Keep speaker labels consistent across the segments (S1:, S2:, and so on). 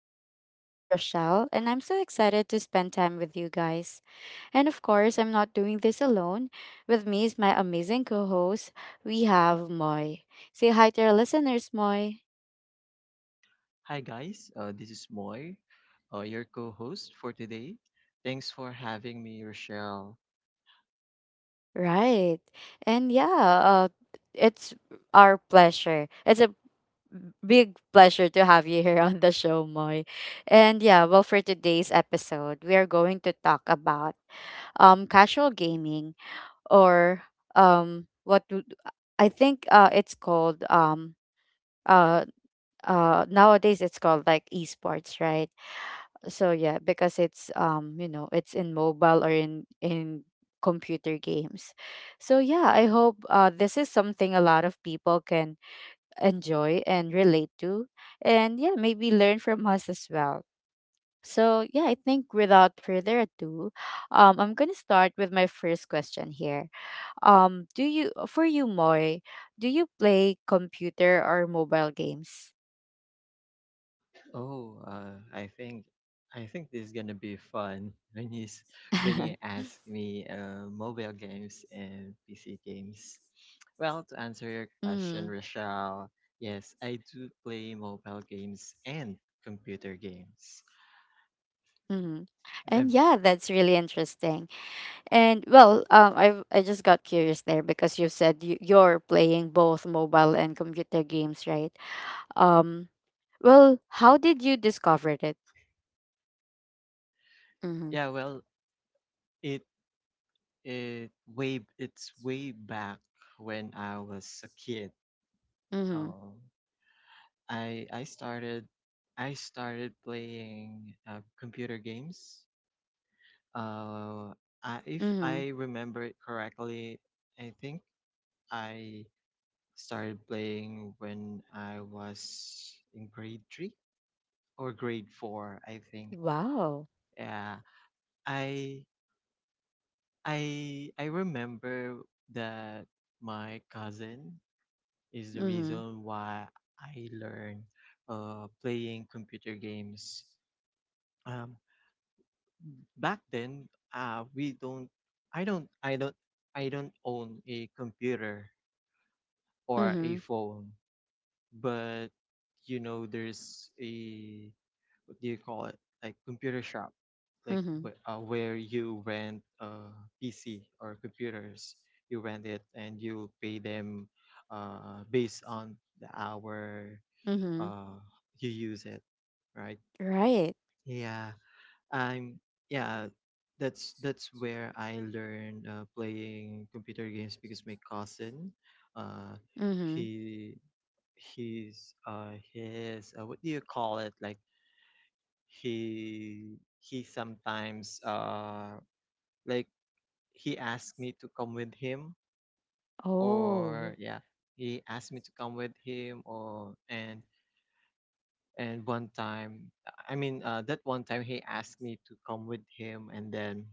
S1: I'm your host, Rochelle, and I'm so excited to spend time with you guys. And of course, I'm not doing this alone. With me is my amazing co host. We have Moy. Say hi to our listeners, Moy.
S2: Hi guys, this is Moy, your co-host for today. Thanks for having me, Rochelle.
S1: Right. And yeah, it's our pleasure. It's a big pleasure to have you here on the show, Moy. And yeah, well, for today's episode, we are going to talk about casual gaming or what do I think it's called uh nowadays it's called like esports, right? So yeah, because it's you know it's in mobile or in computer games. So yeah, I hope this is something a lot of people can enjoy and relate to, and yeah, maybe learn from us as well. So yeah, I think without further ado, I'm going to start with my first question here. Do you for you, Moy, do you play computer or mobile games?
S2: Oh, uh, I think I think this is gonna be fun when you ask me mobile games and PC games. Well, to answer your question,
S1: Mm,
S2: Rochelle, yes, I do play mobile games and computer games.
S1: mm-hmm. And
S2: Um,
S1: yeah, that's really interesting. And well, I just got curious there because you said you're playing both mobile and computer games, right? Um, well, how did you discover it? Mm-hmm.
S2: Yeah, well, it it's way back when I was a kid.
S1: Mm-hmm.
S2: Oh, I I started I started playing computer games. Uh, if
S1: Mm-hmm.
S2: I remember it correctly, I think I started playing when I was in grade three or grade four, I think.
S1: Wow.
S2: Yeah, I I remember that my cousin is the
S1: Mm-hmm.
S2: reason why I learned playing computer games. Um, Back then we don't I don't I don't I don't own a computer or a
S1: Mm-hmm.
S2: phone, but you know there's a, what do you call it, like computer shop, like
S1: Mm-hmm.
S2: where you rent a PC or computers. You rent it and you pay them based on the hour
S1: Mm-hmm.
S2: uh you use it, right?
S1: Right.
S2: Yeah, I'm yeah, that's where I learned playing computer games because my cousin, uh,
S1: Mm-hmm.
S2: he he's, his what do you call it, like he sometimes, like he asked me to come with him, or
S1: Oh.
S2: yeah, he asked me to come with him, or and one time I mean that one time he asked me to come with him, and then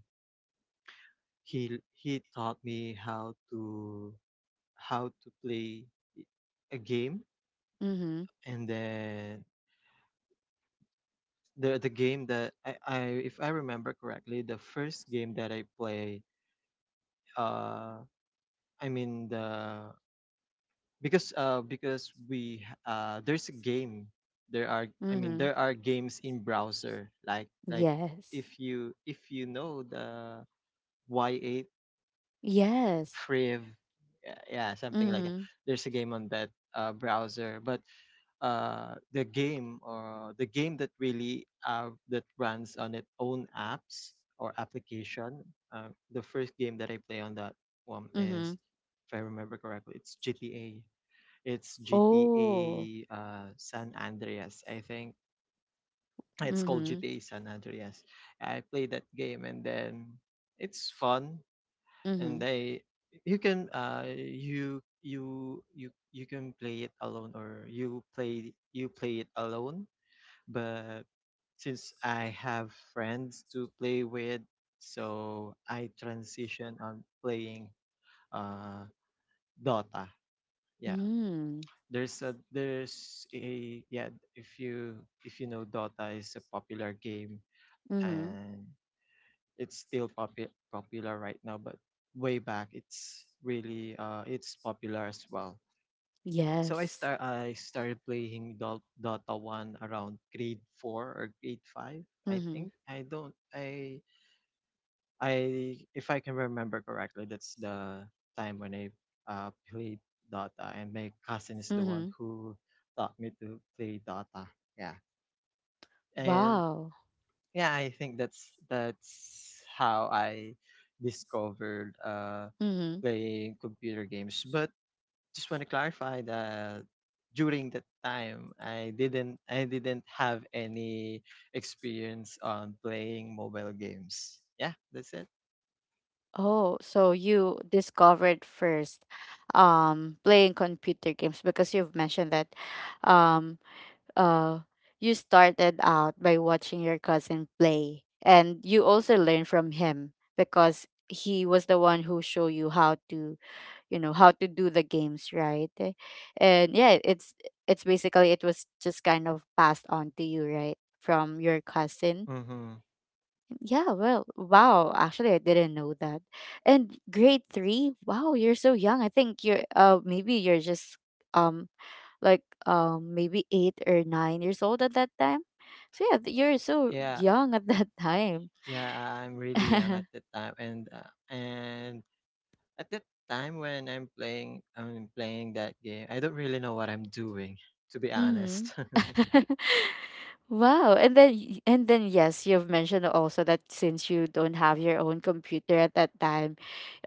S2: he taught me how to play a game.
S1: Mm-hmm.
S2: And then the game that I if I remember correctly, the first game that I play, uh, I mean the because we h- there's a game,
S1: Mm-hmm.
S2: there are games in browser, like,
S1: Yes.
S2: if you know the Y8,
S1: Yes.
S2: Priv, yeah, yeah, something like that.
S1: Mhm.
S2: There's a game on that browser, but the game that really that runs on its own apps or application. The first game that I play on that one is,
S1: Mhm.
S2: if I remember correctly, it's GTA. It's GTA
S1: Oh.
S2: San Andreas, I think. It's called
S1: Mhm.
S2: GTA San Andreas. I played that game, and then it's fun. And
S1: Mhm.
S2: I you can, you can play it alone, or you play it alone, but since I have friends to play with, so I transition on playing uh Dota. Yeah.
S1: Mm.
S2: There's a yeah, if you, know, Dota is a popular game,
S1: Mhm.
S2: and it's still popular right now, but way back it's really, it's popular as well. So
S1: Yes.
S2: I started playing Dota 1 around grade 4 or grade 5, I
S1: Mhm.
S2: think. I don't I If I can remember correctly, that's the time when I played Dota, and my cousin is the one
S1: Mhm.
S2: who taught me to play Dota. Yeah. And
S1: Wow.
S2: yeah, I think that's how I discovered
S1: Mhm.
S2: playing computer games. But just want to clarify that during that time I didn't have any experience on playing mobile games. Yeah, that's it.
S1: Oh, so you discovered first playing computer games because you've mentioned that um uh you started out by watching your cousin play, and you also learned from him because he was the one who showed you how to, you know, how to do the games, right? And yeah, it's basically, it was just kind of passed on to you, right, from your cousin.
S2: Mm-hmm.
S1: Yeah, well, wow, actually I didn't know that. And grade three, wow, you're so young. I think you're maybe you're just um maybe 8 or 9 years old at that time. So yeah, you're so
S2: Yeah,
S1: young at that time.
S2: yeah, I- I'm really young at that time, and at that time when I'm playing that game, I don't really know what I'm doing, to be
S1: Mhm.
S2: honest.
S1: Wow. And then and then yes, you've mentioned also that since you don't have your own computer at that time,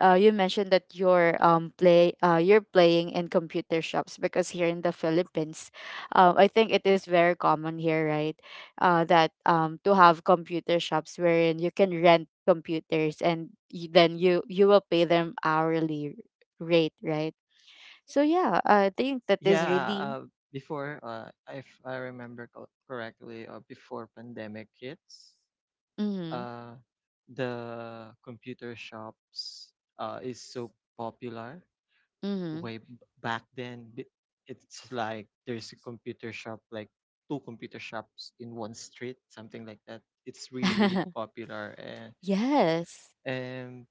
S1: you mentioned that you're play you're playing in computer shops, because here in the Philippines, I think it is very common here, right? That To have computer shops wherein you can rent computers and then you will pay them hourly rate, right? So yeah, I think that is
S2: Yeah,
S1: really.
S2: uh, before if I remember correctly, before pandemic hits,
S1: Mhm.
S2: uh, the computer shops is so popular
S1: Mhm.
S2: way b- back then. It's like there's a computer shop, like two computer shops in one street, something like that. It's really popular. and
S1: Yes.
S2: and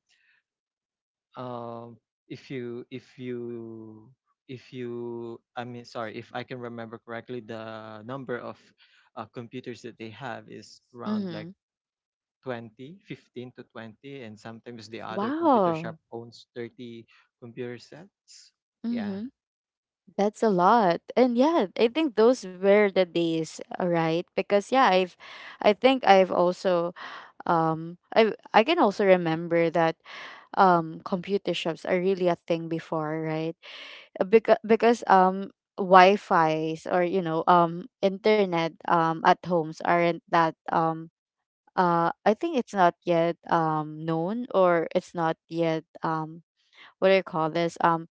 S2: if you if you if you I mean sorry, if I can remember correctly, the number of computers that they have is around like
S1: Mhm.
S2: 20 15 to 20, and sometimes the other computer shop
S1: Wow.
S2: owns 30 computer sets. Yeah.
S1: Mhm. That's a lot. And yeah, I think those were the days, all right? Because yeah, I've, I think I've also I can also remember that computer shops are really a thing before, right? Because Wi-Fi's, or you know, internet at homes aren't that I think it's not yet known, or it's not yet what do you call this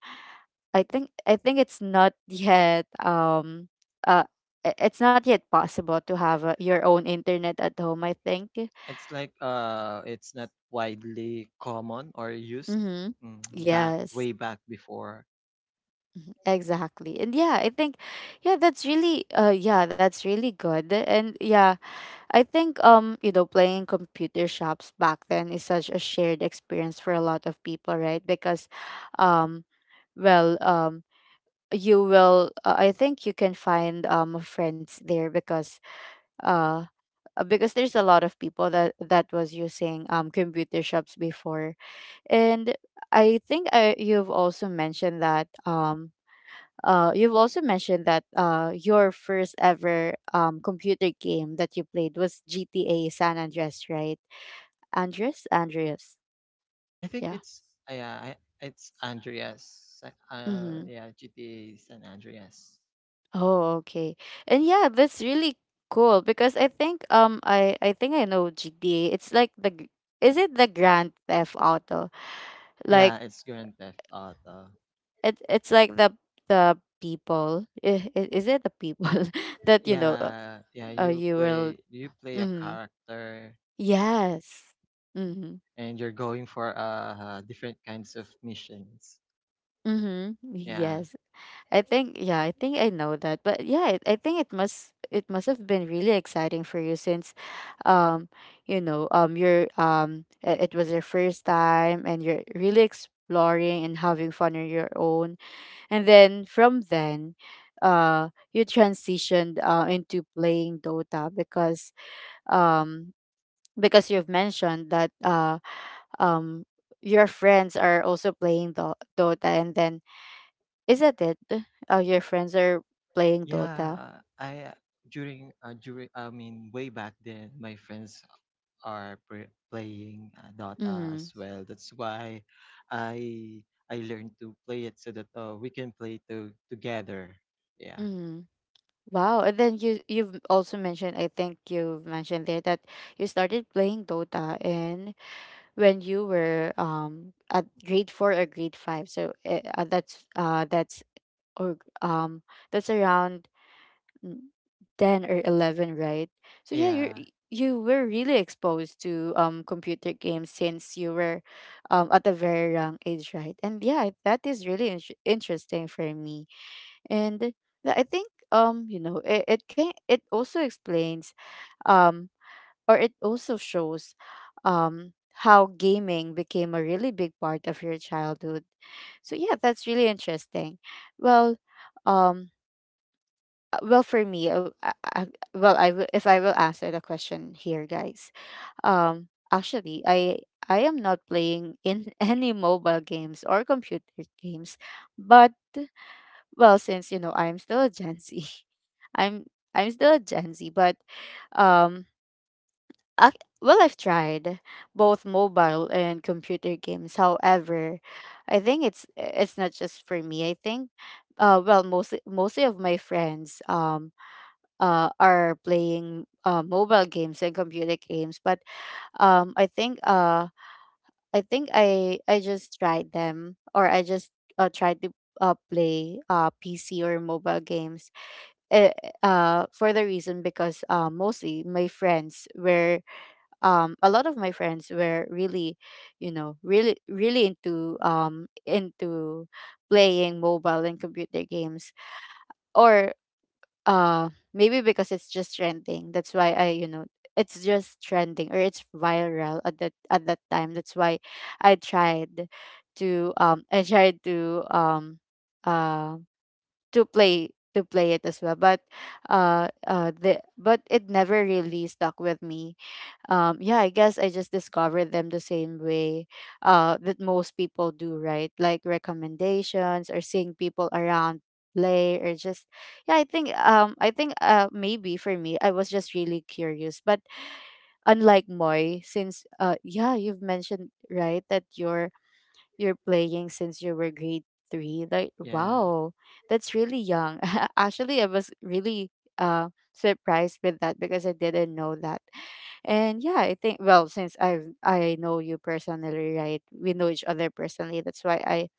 S1: I think, I think it's not yet uh it's not yet possible to have
S2: It-
S1: your own internet at home, I think.
S2: It's like, it's not widely common or used.
S1: Mm-hmm.
S2: mm, back,
S1: Yes.
S2: way back before.
S1: Exactly. And yeah, I think, yeah, that's really yeah, that's really good. And yeah, I think, you know, playing computer shops back then is such a shared experience for a lot of people, right? Because um well um you will I think you can find friends there uh because there's a lot of people that that was using computer shops before. And I think you've also mentioned that you've also mentioned that your first ever computer game that you played was GTA San Andreas, right? Andres? Andreas.
S2: I think
S1: Yeah.
S2: it's, yeah, I- it's Andreas.
S1: Mm-hmm.
S2: Yeah, GTA San Andreas.
S1: Oh, okay. And yeah, that's really cool because I think I think I know GTA. It's like is it the Grand Theft Auto? Like
S2: Yeah, it's Grand Theft Auto.
S1: it, it's like the people, is it the people that you know
S2: Yeah, yeah,
S1: you will,
S2: you play a
S1: mm,
S2: character
S1: yes. Mm-hmm.
S2: and you're going for different kinds of missions.
S1: Mhm.
S2: Yeah.
S1: Yes. I think, yeah, I think I know that. But yeah, I think it must have been really exciting for you since um you know, you're it was your first time and you're really exploring and having fun on your own. And then from then you transitioned into playing Dota um because you've mentioned that um your friends are also playing Dota, and then, isn't it? Oh, your friends are playing Dota.
S2: Yeah, I during during I mean way back then my friends are playing Dota
S1: Mm.
S2: as well. That's why I learned to play it so that we can play to together. Yeah.
S1: Mm. Wow. And then you, you've also mentioned, I think you've mentioned there that you started playing Dota and when you were at grade 4 or grade 5. So that's that's, or that's around, mm, 10 or 11, right? So yeah, you're,
S2: Yeah.
S1: you were really exposed to computer games since you were at a very young age, right? And yeah, that is really interesting for me. And yeah, I think, you know, it can, it also explains um or it also shows um how gaming became a really big part of your childhood. So yeah, that's really interesting. Well, um for me, well, I will if I will answer the question here, guys, actually I am not playing in any mobile games or computer games. But well, since you know, I'm still a gen Z, i'm I'm still a gen Z, but um ac well, I've tried both mobile and computer games. However, I think it's not just for me. I think well, mostly of my friends are playing mobile games and computer games. But I think I think I just tried them, or I just tried to play PC or mobile games. Uh, for the reason, because mostly my friends were a lot of my friends were really, you know, really really into playing mobile and computer games, or maybe because it's just trending. That's why I, you know, it's just trending or it's viral at that time. That's why I tried I tried uh to play it as well. But the but it never really stuck with me. Yeah, I guess I just discovered them the same way that most people do, right? Like recommendations, or seeing people around play, or just, yeah, I think I think maybe for me I was just really curious. But unlike Moy, since yeah, you've mentioned, right, that your, you're playing since you were grade 3. Like,
S2: Yeah.
S1: wow, that's really young. Actually, I was really surprised with that, because I didn't know that. And yeah, I think, well, since I've, I know you personally, right? We know each other personally. That's why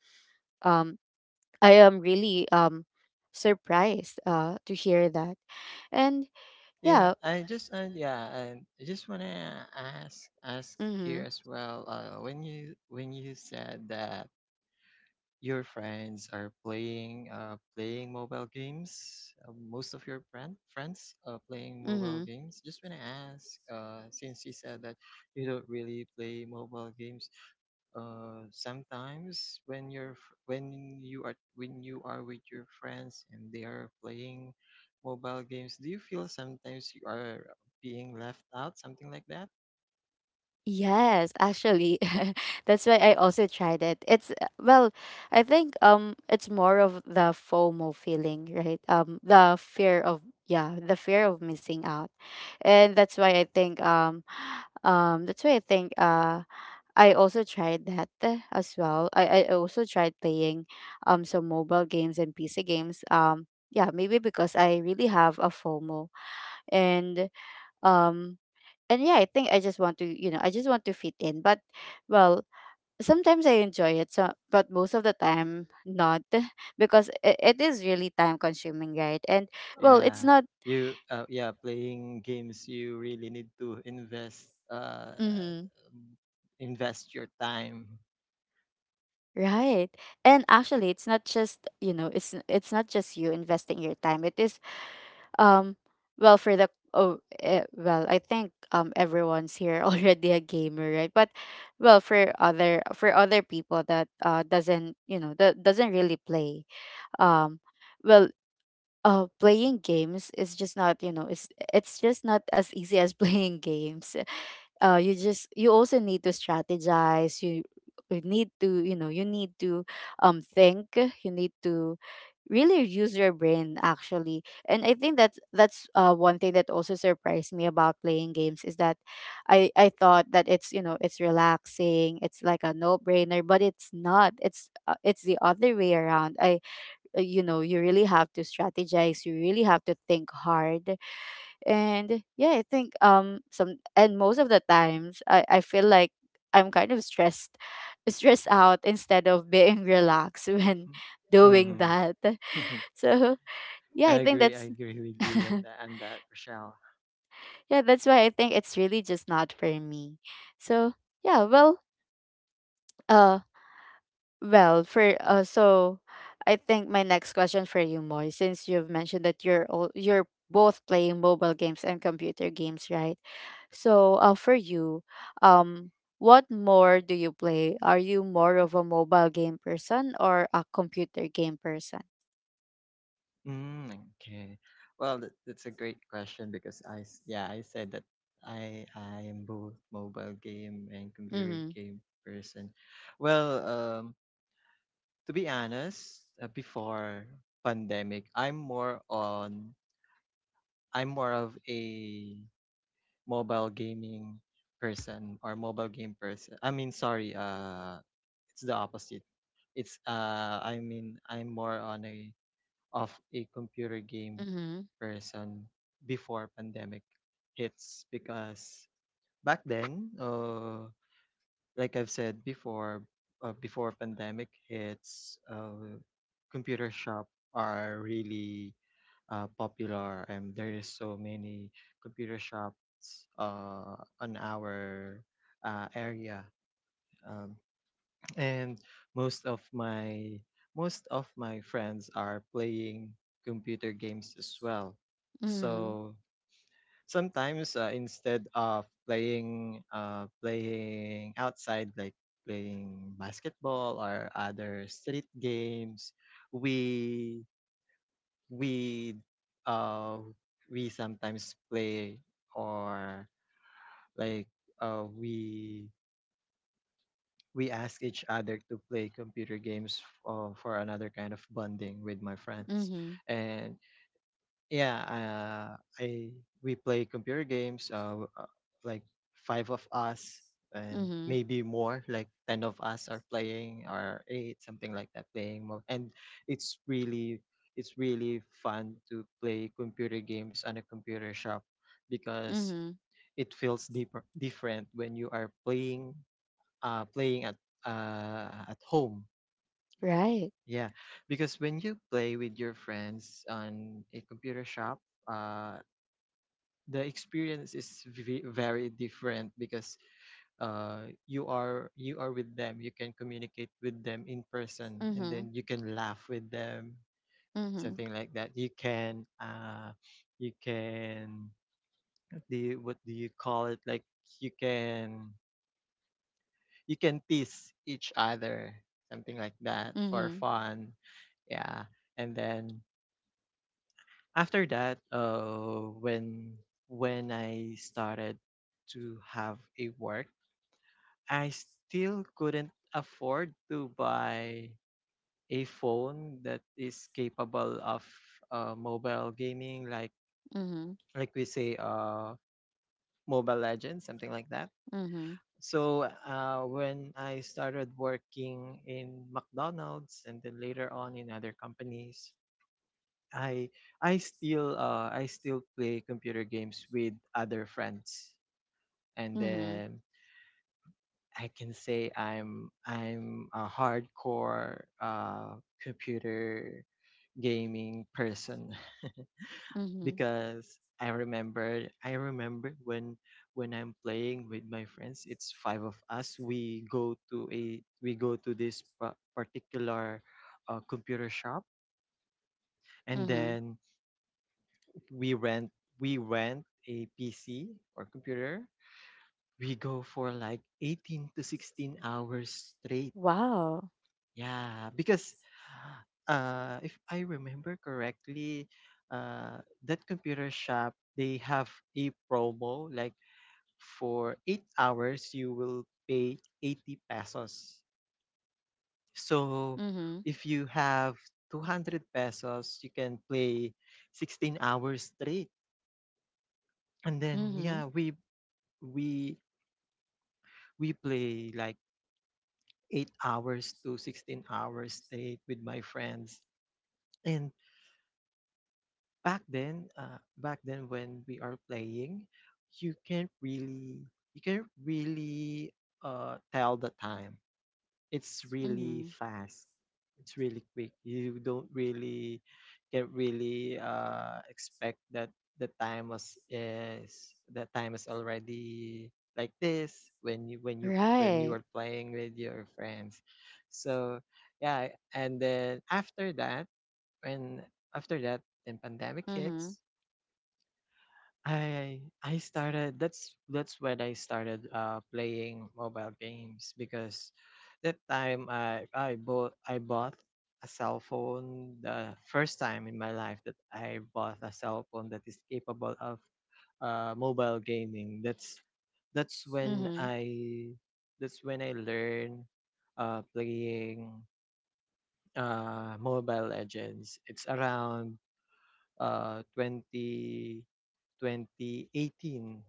S1: um I am really surprised to hear that. And
S2: Yeah,
S1: yeah,
S2: I just yeah, and I just wanna ask here
S1: mm-hmm,
S2: as well. When you said that your friends are playing, playing mobile games. Most of your friends are playing mobile
S1: mm-hmm.
S2: games. Just wanna ask, since you said that you don't really play mobile games, sometimes when when you are, with your friends and they are playing mobile games, do you feel sometimes you are being left out, something like that?
S1: Yes, actually. That's why I also tried it. It's, well, I think it's more of the FOMO feeling, right? The fear of, yeah, the fear of missing out. And that's why I think that's why I think I also tried that as well. I also tried playing some mobile games and PC games. Yeah, maybe because I really have a FOMO, and um and yeah, I think I just want to, you know, I just want to fit in. But well, sometimes I enjoy it, so, but most of the time not because it is really time consuming, right? And well, it's
S2: Yeah.
S1: not,
S2: You Yeah, playing games, you really need to invest,
S1: mm-hmm,
S2: invest your time.
S1: right. And actually, it's not just, you know, it's it's not just you investing your time. It is um well, for the oh eh, well, I think everyone's here already a gamer, right? But well for other people that doesn't that doesn't really play. um well Playing games is just not, it's just not as easy as playing games. You just, you also need to strategize. You need to, you need to think, you need to really use your brain, actually. And I think that's one thing that also surprised me about playing games, is that I thought that it's, it's relaxing, it's like a no brainer, but it's not. It's it's the other way around. I You know, you really have to strategize, you really have to think hard. And yeah, I think some and most of the times I feel like I'm kind of stressed out instead of being relaxed when doing
S2: Hmm.
S1: that. So yeah, I think
S2: I
S1: that's
S2: agree with you on that, on that, Rochelle.
S1: yeah, that's why I think it's really just not for me. So yeah, uh well, for I think my next question for you, Moy, since you've mentioned that you're both playing mobile games and computer games, right? So, for you, um, what more do you play? Are you more of a mobile game person or a computer game person?
S2: Okay. Well, that's a great question because yeah, I said that I am both mobile game and computer
S1: Mhm.
S2: game person. Well, to be honest, before pandemic, I'm more of a mobile gaming person or mobile game person. I mean, sorry, it's the opposite. It's I mean, I'm more on a of a computer game
S1: Mhm.
S2: person before pandemic hits, because back then, like I've said before, before pandemic hits, computer shop are really, popular and there is so many computer shops on our area, um, and most of my most of my friends are playing computer games as well.
S1: Mhm.
S2: So sometimes, instead of playing, playing outside, like playing basketball or other street games, we we uh we sometimes play or like uh we we ask each other to play computer games, for another kind of bonding with my friends.
S1: Mhm.
S2: And yeah, I we play computer games, like five of us, and
S1: Mhm.
S2: maybe more. Like ten of us are playing, or eight, something like that, playing. More And it's really, it's really fun to play computer games on a computer shop, because
S1: Mhm.
S2: it feels different when you are playing, uh, playing at at home.
S1: Right.
S2: Yeah, because when you play with your friends on a computer shop, Uh, the experience is very different because you are with them, you can communicate with them in person, and
S1: Mhm.
S2: then you can laugh with them,
S1: Mhm.
S2: something like that. You can, you can what do you call it, like, you can you can tease each other, something like that, for
S1: Mhm.
S2: fun. Yeah. And then after that, when I started to have a work, I still couldn't afford to buy a phone that is capable of mobile gaming, like
S1: Mhm.
S2: like we say, Mobile Legends, something like that.
S1: Mhm.
S2: So when I started working in McDonald's, and then later on in other companies, I I still play computer games with other friends. And
S1: Mhm.
S2: then I can say I'm a hardcore, computer gaming person.
S1: Mhm.
S2: Because I remember when I'm playing with my friends, it's five of us. We go to this particular computer shop, and
S1: Mhm.
S2: then we rent a PC or computer. We go for like 18 to 16 hours straight.
S1: Wow.
S2: Yeah, because if I remember correctly, uh, that computer shop, they have a promo like, for 8 hours you will pay 80 pesos. So
S1: Mhm.
S2: if you have 200 pesos, you can play 16 hours straight. And then
S1: Mhm.
S2: yeah, we we play like 8 hours to 16 hours straight with my friends. And back then, back then when we are playing, you can not really you can not really, tell the time. It's really
S1: Mhm.
S2: fast, it's really quick. You don't really, can not really expect that the time is already like this when you when you when you
S1: Right.
S2: are playing with your friends. So yeah, and then after that, when after that, then pandemic
S1: Mhm.
S2: hits. I started, that's when I started playing mobile games, because that time I bought, a cell phone, the first time in my life that I bought a cell phone that is capable of mobile gaming. That's when
S1: Mhm.
S2: I, that's when I learned playing Mobile Legends. It's around 20 2018.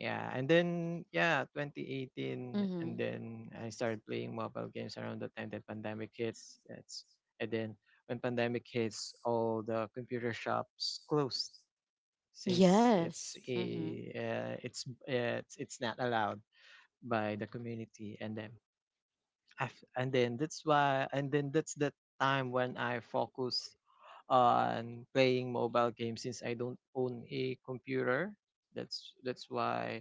S2: Yeah, and then yeah, 2018, and
S1: Mhm.
S2: then I started playing mobile games around the time that pandemic hits. That's And then when pandemic hits, all the computer shops closed, since it's
S1: Yes.
S2: a,
S1: Mhm.
S2: it's it's not allowed by the community. And then af- and then that's why and then that's the time when I focus on playing mobile games since I don't own a computer. That's why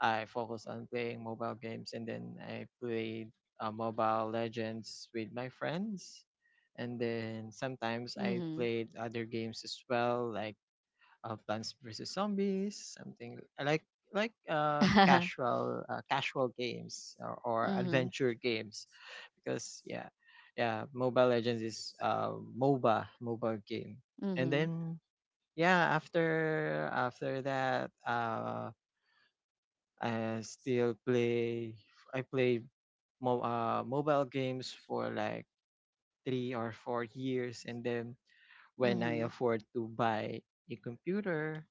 S2: I focus on playing mobile games, and then I played Mobile Legends with my friends, and then sometimes I
S1: Mhm.
S2: played other games as well, like Plants vs Zombies, something I like casual games, or
S1: Mhm.
S2: adventure games, because yeah, Mobile Legends is MOBA mobile game. And
S1: Mhm.
S2: then, yeah, after that, I still play. I played mobile games for like 3 or 4 years, and then when I
S1: Mhm.
S2: afford to buy a computer,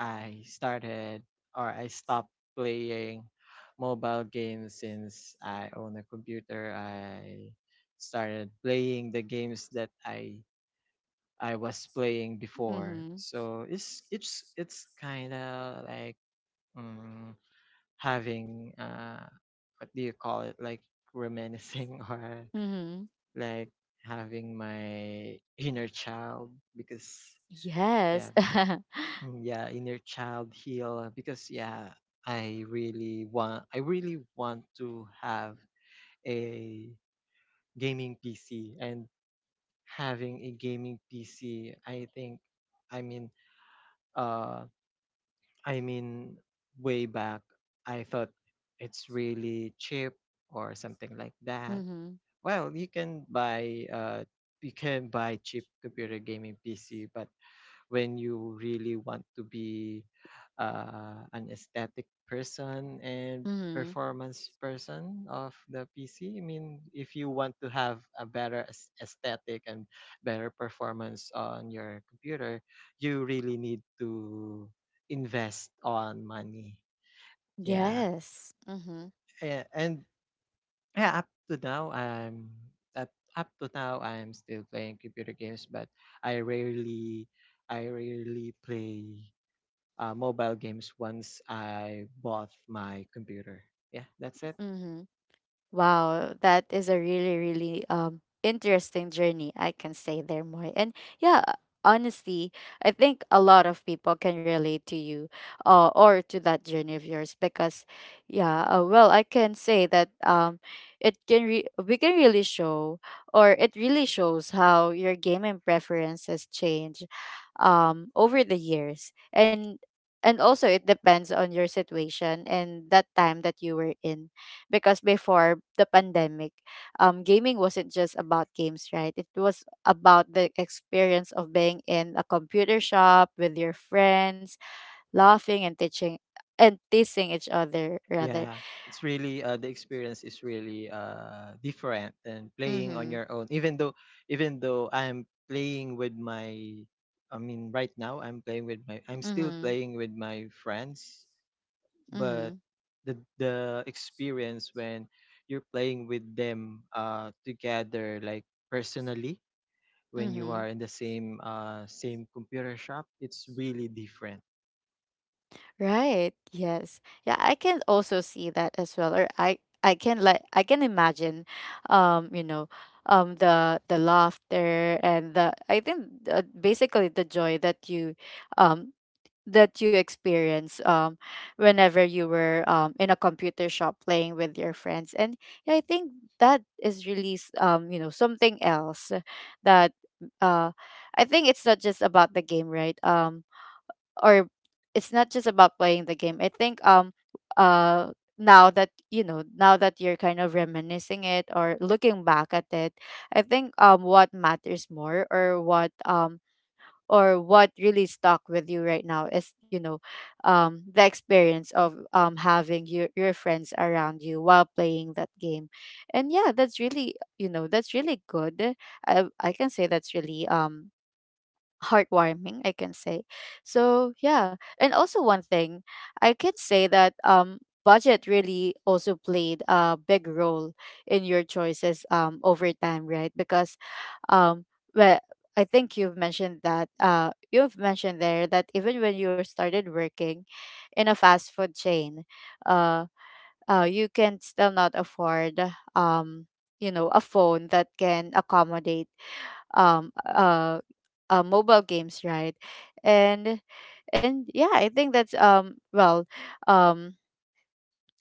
S2: I started, or I stopped playing mobile games since I own a computer. I started playing the games that I was playing before.
S1: Mhm.
S2: So it's kind of like, um, having, what do you call it, like reminiscing, or
S1: Mhm.
S2: like having my inner child, because,
S1: Yes.
S2: yeah. Mm, yeah, inner child heal, because yeah, I really want to have a gaming PC. And having a gaming PC, I think, i mean uh I mean, way back I thought it's really cheap, or something like that.
S1: Mhm.
S2: Well, you can buy cheap computer gaming PC, but when you really want to be, an aesthetic person and
S1: Mhm.
S2: performance person of the PC. I mean, if you want to have a better, aesthetic and better performance on your computer, you really need to invest on money. Yeah.
S1: Yes. Mhm.
S2: And, yeah, up to now I'm still playing computer games, but I rarely I rarely play mobile games once I bought my computer. Yeah, that's it.
S1: Mhm. Wow, that is a really, really interesting journey, I can say there, Moy. And yeah, honestly, I think a lot of people can relate to you, or to that journey of yours, because yeah, I can say that it can we can really show, or it really shows how your gaming preferences change over the years. And also it depends on your situation and that time that you were in, because before the pandemic, gaming wasn't just about games, right? It was about the experience of being in a computer shop with your friends, laughing and teaching and teasing each other rather.
S2: Yeah, it's really the experience is really, different than playing on
S1: Mhm.
S2: your own. Even though I mean, right now I'm still
S1: Mhm.
S2: playing with my friends, but
S1: Mhm.
S2: the experience when you're playing with them, together, like personally, when you
S1: Mhm.
S2: are in the same same computer shop, it's really different.
S1: Right. Yes. Yeah, I can also see that as well. Or I can like, I can imagine, you know, the laughter and the, I think basically the joy um that you experience whenever you were in a computer shop playing with your friends. And yeah, I think that is really you know, something else that uh I think it's not just about the game, right? Or It's not just about playing the game. I think uh now that now that you're kind of reminiscing it or looking back at it, I think what matters more, or what really stuck with you right now is, you know, the experience of having your friends around you while playing that game. And yeah, that's really, that's really good. I can say that's really heartwarming, I can say. So yeah, and also one thing I can say, that budget really also played a big role in your choices over time, right? Because um well I think you've mentioned that you've mentioned there that even when you started working in a fast food chain, uh you can still not afford um a phone that can accommodate um uh, mobile games, right? and and yeah, I think that's um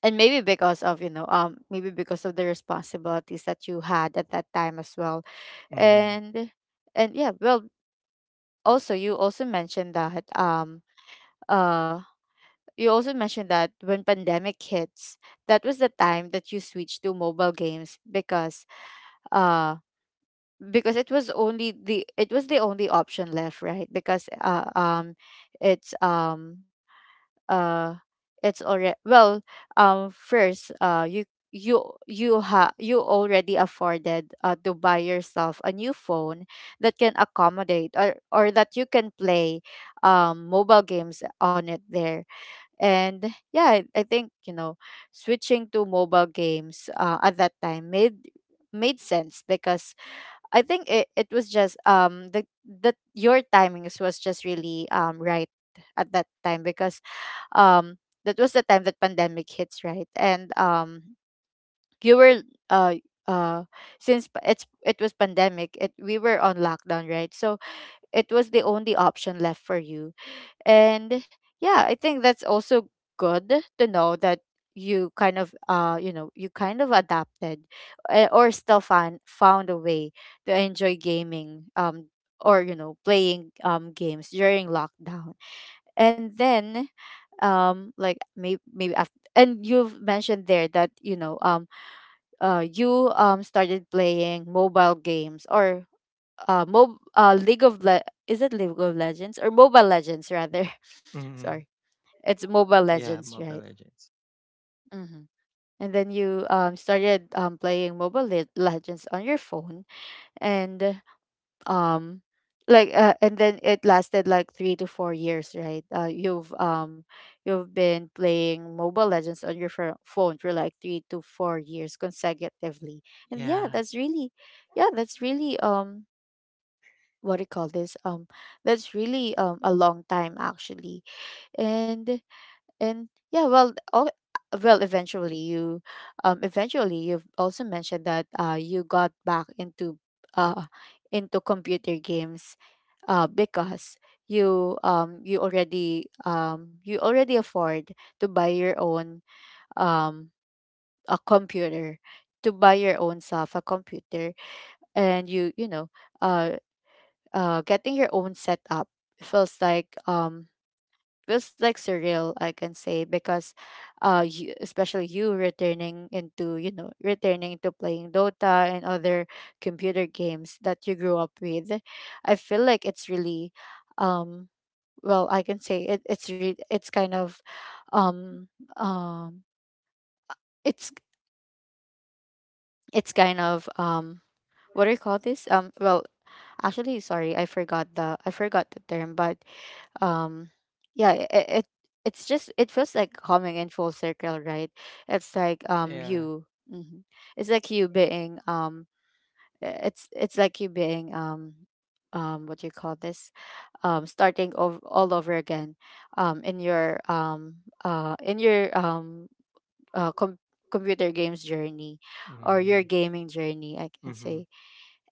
S1: and maybe because of, maybe because of the responsibilities that you had at that time as well.
S2: Mm-hmm.
S1: and and yeah, well, also you also mentioned that uh you also mentioned that when pandemic hits, that was the time that you switched to mobile games, uh because it was only the, it was the only option left, right? Because it's um uh it's already, first you, you you ha you already afforded, to buy yourself a new phone that can accommodate, or that you can play mobile games on it there. And yeah, I think, switching to mobile games at that time made made sense, because I think it was just the your timings was just really right at that time, because um that was the time that pandemic hits, right? And you were uh uh since it's, it was pandemic, it, we were on lockdown, right? So it was the only option left for you. And yeah, I think that's also good to know, that you kind of you know, you kind of adapted, or still find found a way to enjoy gaming, or you know, playing games during lockdown. And then like maybe, maybe after, and you've mentioned there that you started playing mobile games, or mob league of is it League of Legends or Mobile Legends rather?
S2: Mm-hmm.
S1: Sorry. It's Mobile
S2: Yeah,
S1: Legends,
S2: Mobile
S1: right?
S2: Legends.
S1: Mm-hmm. And then you started playing mobile legends on your phone. And um and then it lasted like 3 to 4 years, right? You've you've been playing mobile legends on your phone for like 3 to 4 years consecutively. And yeah,
S2: Yeah,
S1: that's really, yeah, that's really what do you call this that's really a long time, actually. and And yeah, eventually you, eventually you've also mentioned that you got back uh, into computer games, because you you already afford to buy your own um a computer, to buy your own self a computer. And you know uh getting your own setup feels like um feels like surreal, I can say, because you, especially you returning into, you know, returning to playing dota and other computer games that you grew up with. I feel like it's really um I can say it's it's kind of um um it's it's kind of what do you call this well actually, sorry, I forgot the term. But um yeah, it's just, it feels like coming in full circle, right? It's like
S2: yeah.
S1: you hmm, it's like you being it's like you being what do you call this starting over all over again um in your um in your uh com- computer games journey, or your
S2: Mm-hmm.
S1: gaming journey, I can
S2: Mm-hmm.
S1: say.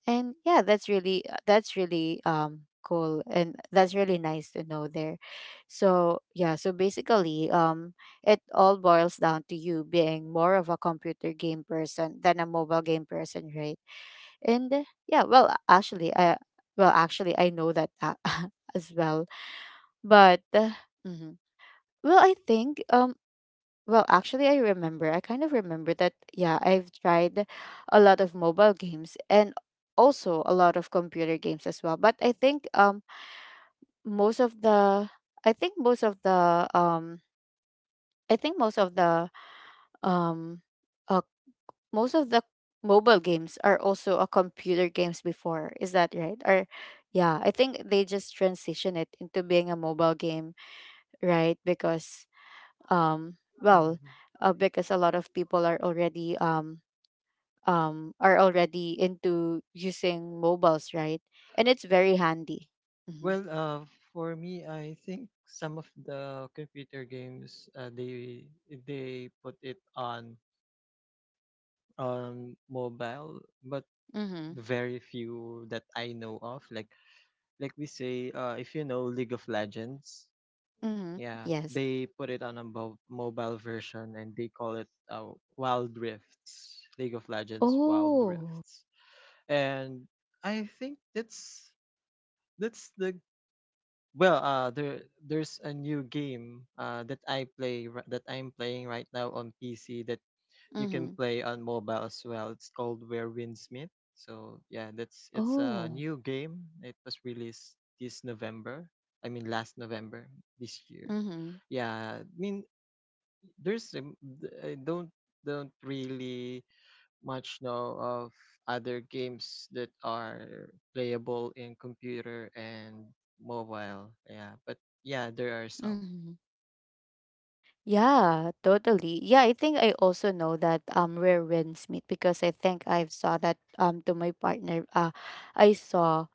S1: And yeah, that's really, that's really cool, and that's really nice to know there. So yeah, so basically it all boils down to you being more of a computer game person than a mobile game person, right? And yeah, actually I know that as well. But mhm. Well, I think actually, I remember, I kind of remember that, yeah, I've tried a lot of mobile games and also a lot of computer games as well. But I think most of the I think most of the I think um uh, most of the mobile games are also a computer games before. Is that right? Or yeah, I think they just transition it into being a mobile game, right? Because um well,
S2: Mhm.
S1: because a lot of people are already into using mobiles, right? And it's very handy. Mm-hmm.
S2: Well, for me, I think some of the computer games, they put it on mobile, but
S1: Mm-hmm.
S2: very few that I know of. Like we say, if you know League of Legends.
S1: Mm-hmm.
S2: Yeah,
S1: Yes.
S2: they put it on a, mobile version, and they call it, Wild Rifts, League of Legends Wild
S1: Oh.
S2: Rifts. And I think that's the there's a new game, that I'm playing right now on PC, that you can
S1: Mm-hmm.
S2: play on mobile as well. It's called Where Winds Meet. So, yeah, that's it's a
S1: Oh.
S2: new game. It was released this November. I mean, last November this year.
S1: Mm-hmm.
S2: Yeah, I mean, there's, I don't really much know of other games that are playable in computer and mobile. Yeah, but yeah, there are some.
S1: Mm-hmm. Yeah, totally. Yeah, I think I also know that rare winds meet, because I think I saw that to my partner. I saw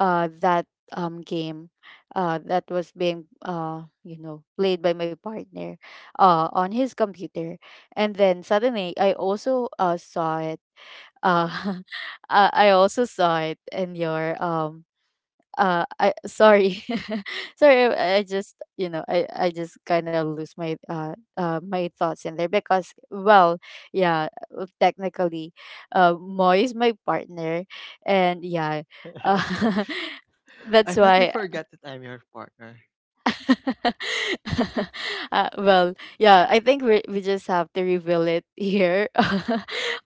S1: that game that was being you know, played by my partner on his computer. And then suddenly I also saw it, uh I also saw it in your I sorry. Sorry, I just, you know I just kind of lose my my thoughts in there, because well yeah, technically, moy is my partner. And yeah, uh,
S2: I
S1: that's
S2: thought you
S1: why.
S2: forgot that I'm your partner.
S1: Well, yeah, I think we just have to reveal it here,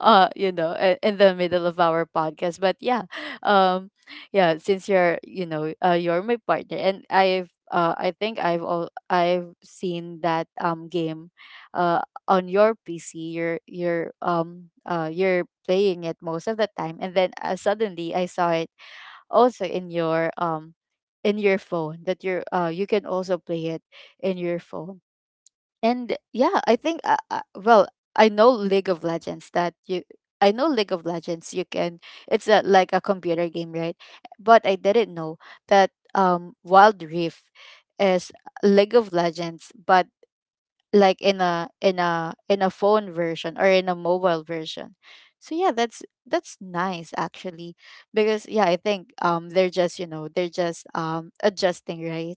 S1: you know, in the middle of our podcast. But yeah, um, yeah, since you're, you know, you're my partner, and I think I've seen that game, uh, on your PC. You're playing it most of the time, and then suddenly I saw it also in your phone that you can also play it in your phone. And yeah I think well I know League of Legends that you I know League of Legends you can. It's a, like a computer game, right? But I didn't know that Wild Rift is League of Legends, but like in a phone version or in a mobile version. So yeah, that's nice actually, because yeah, I think they're just, they're just adjusting, right?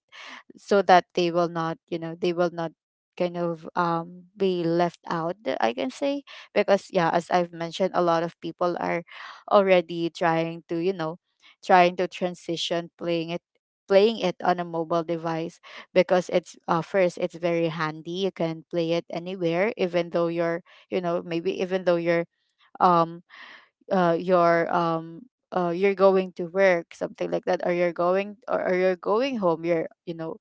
S1: So that they will not, they will not kind of be left out, I can say. Because yeah, as I've mentioned, a lot of people are already trying to, trying to transition playing it on a mobile device, because it's first, it's very handy. You can play it anywhere, even though you're, you know, maybe even though um uh you're um you're going to work, something like that, or you're going, or you're going home, you're you know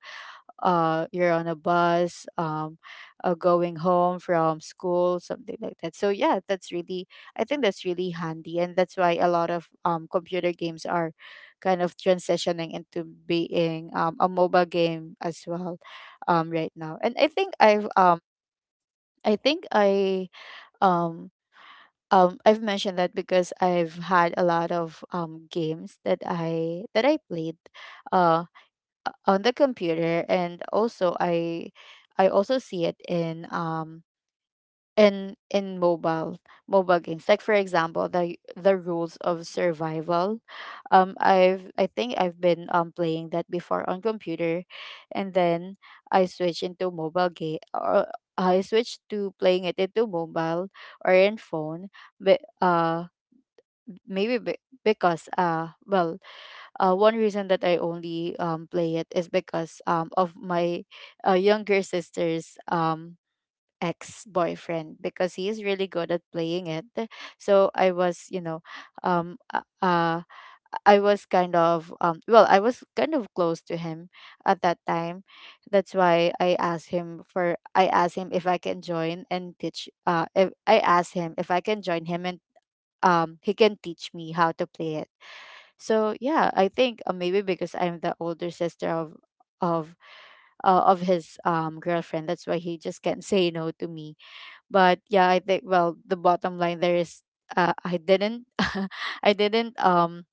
S1: you're on a bus, going home from school, something like that. So yeah, that's really, I think that's really handy, and that's why a lot of computer games are kind of transitioning into being a mobile game as well right now. And I think I've I think I um I've mentioned that because I've had a lot of games that I played uh on the computer, and also I also see it in mobile games, like for example the Rules of Survival. I've, I think I've been playing that before on computer, and then I switch into mobile game, or I switch to playing it into mobile or in phone. But maybe be- because well, one reason that I only play it is because of my younger sister's ex boyfriend, because he is really good at playing it. So I was, you know, um, uh, uh, I was kind of, well, I was kind of close to him at that time. That's why I asked him if I can join and teach, if, I asked him if I can join him and he can teach me how to play it. So yeah, I think maybe because I'm the older sister of of his girlfriend, that's why he just can't say no to me. But yeah, I think, well, the bottom line there is I didn't I didn't um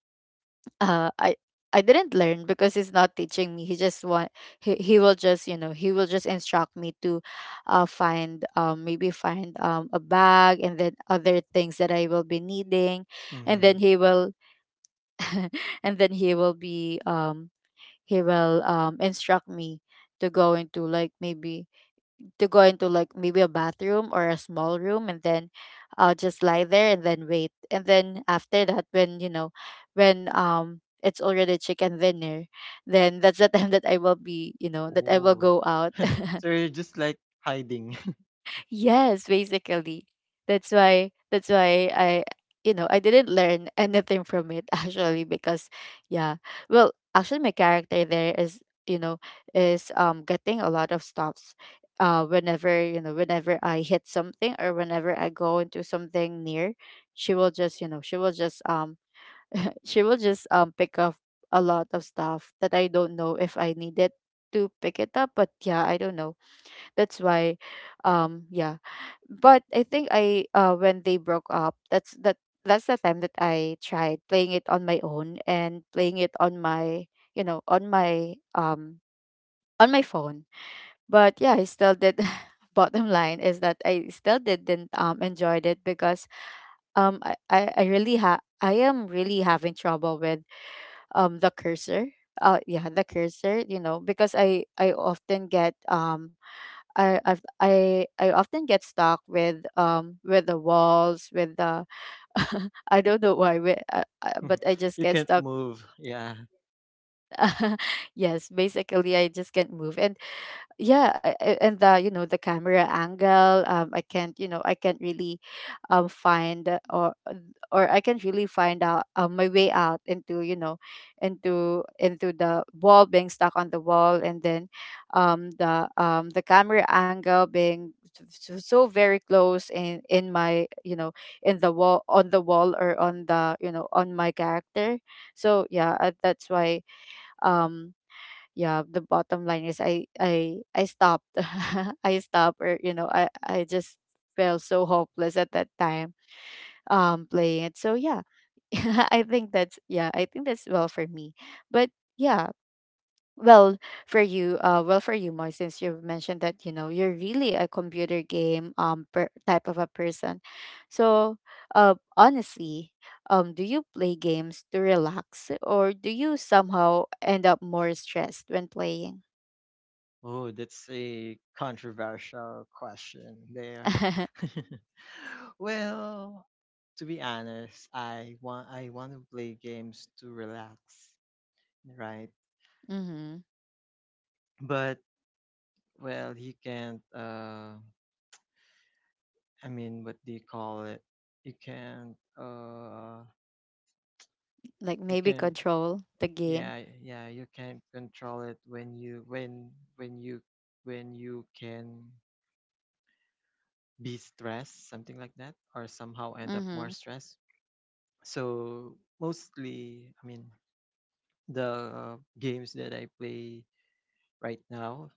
S1: uh I I didn't learn, because he's not teaching me. He just he will just, he will just instruct me to find maybe find a bag and then other things that I will be needing. And
S2: Mm-hmm.
S1: then he will and then he will be he will instruct me to go into like maybe to go into like maybe a bathroom or a small room, and then I'll just lie there and then wait. And then after that, when, you know, when it's already chicken dinner, then that's the time that I will be, you know, that I will
S2: Ooh.
S1: go out.
S2: So you're just like hiding.
S1: Yes, basically. That's why I, you know, I didn't learn anything from it actually, because yeah. Well, actually my character there is, you know, is getting a lot of stops whenever, you know, whenever I hit something or whenever I go into something near, she will just, you know, she will just she will just pick up a lot of stuff that I don't know if I needed to pick it up, but yeah, I don't know. That's why yeah, but I think I when they broke up, that's that that's the time that I tried playing it on my own, and playing it on my, you know, on my on my phone. But yeah, I still did. Bottom line is that I still didn't enjoyed it, because I am really having trouble with the cursor. Yeah, the cursor, you know, because I often get I often get stuck with, with the walls, with the I don't know why, but I just
S2: You
S1: get
S2: can't
S1: stuck.
S2: move. Yeah.
S1: Yes, basically I just can't move. And yeah, and the, you know, the camera angle, I can't, you know, I can't really find or I can't really find out my way out into, you know, into the wall, being stuck on the wall. And then the camera angle being so, so very close in my, you know, in the wall, on the wall, or on the, you know, on my character. So yeah, that's why um yeah, the bottom line is I stopped. I stopped, or, you know, I just felt so hopeless at that time playing it. So yeah, I think that's, yeah, I think that's, well, for me. But yeah, well, for you, Moy, since you've mentioned that, you know, you're really a computer game type of a person, so honestly, do you play games to relax, or do you somehow end up more stressed when playing?
S2: Oh, that's a controversial question there. Well, to be honest, I want to play games to relax, right?
S1: Mhm.
S2: But, well, you can't. I mean, what do you call it? You can't.
S1: Like
S2: You
S1: maybe
S2: can't.
S1: control the game.
S2: Yeah, yeah. You can't control it when you can be stressed, something like that, or somehow end up more
S1: Mhm.
S2: stressed. So, mostly, I mean, the games that I play right now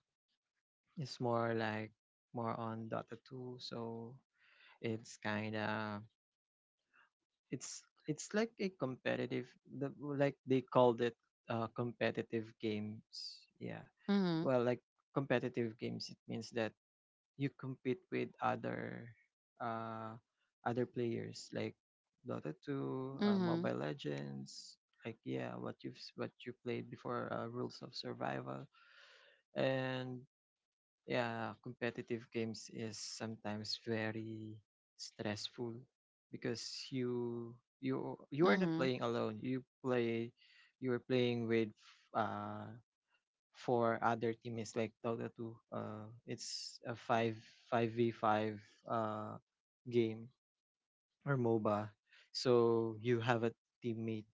S2: is more like, more on Dota 2. So it's kind of, it's it's like a competitive, like they called it, competitive games. Yeah.
S1: Mhm.
S2: Well, like, competitive games, it means that you compete with other uh other players, like Dota 2,
S1: Mhm.
S2: Mobile Legends, like, yeah, what you played before, Rules of Survival, and, yeah, competitive games is sometimes very stressful, because you are not
S1: Mhm.
S2: playing alone. You are playing with, uh for other team is like Dota 2. It's a five v five uh game, or MOBA. So you have a teammate,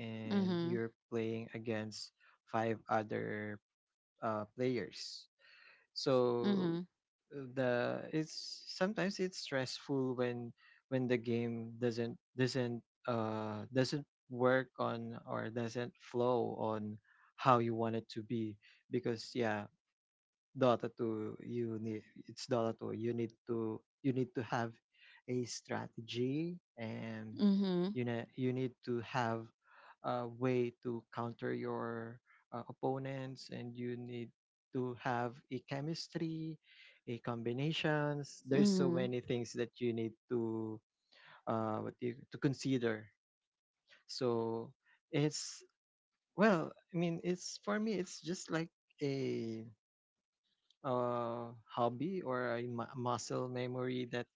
S2: and you're playing against five other, players. So,
S1: Mhm.
S2: the it's stressful when the game doesn't work on, or doesn't flow on, how you want it to be, because, yeah, Dota 2, you need it's Dota 2. You need to have a strategy, and,
S1: Mhm.
S2: you know, you need to have a way to counter your, opponents, and you need to have a chemistry, a combinations. There's so
S1: Mhm.
S2: many things that you need to what do you, to consider. So, it's well, I mean it's for me, it's just like a, hobby, or a, muscle memory, that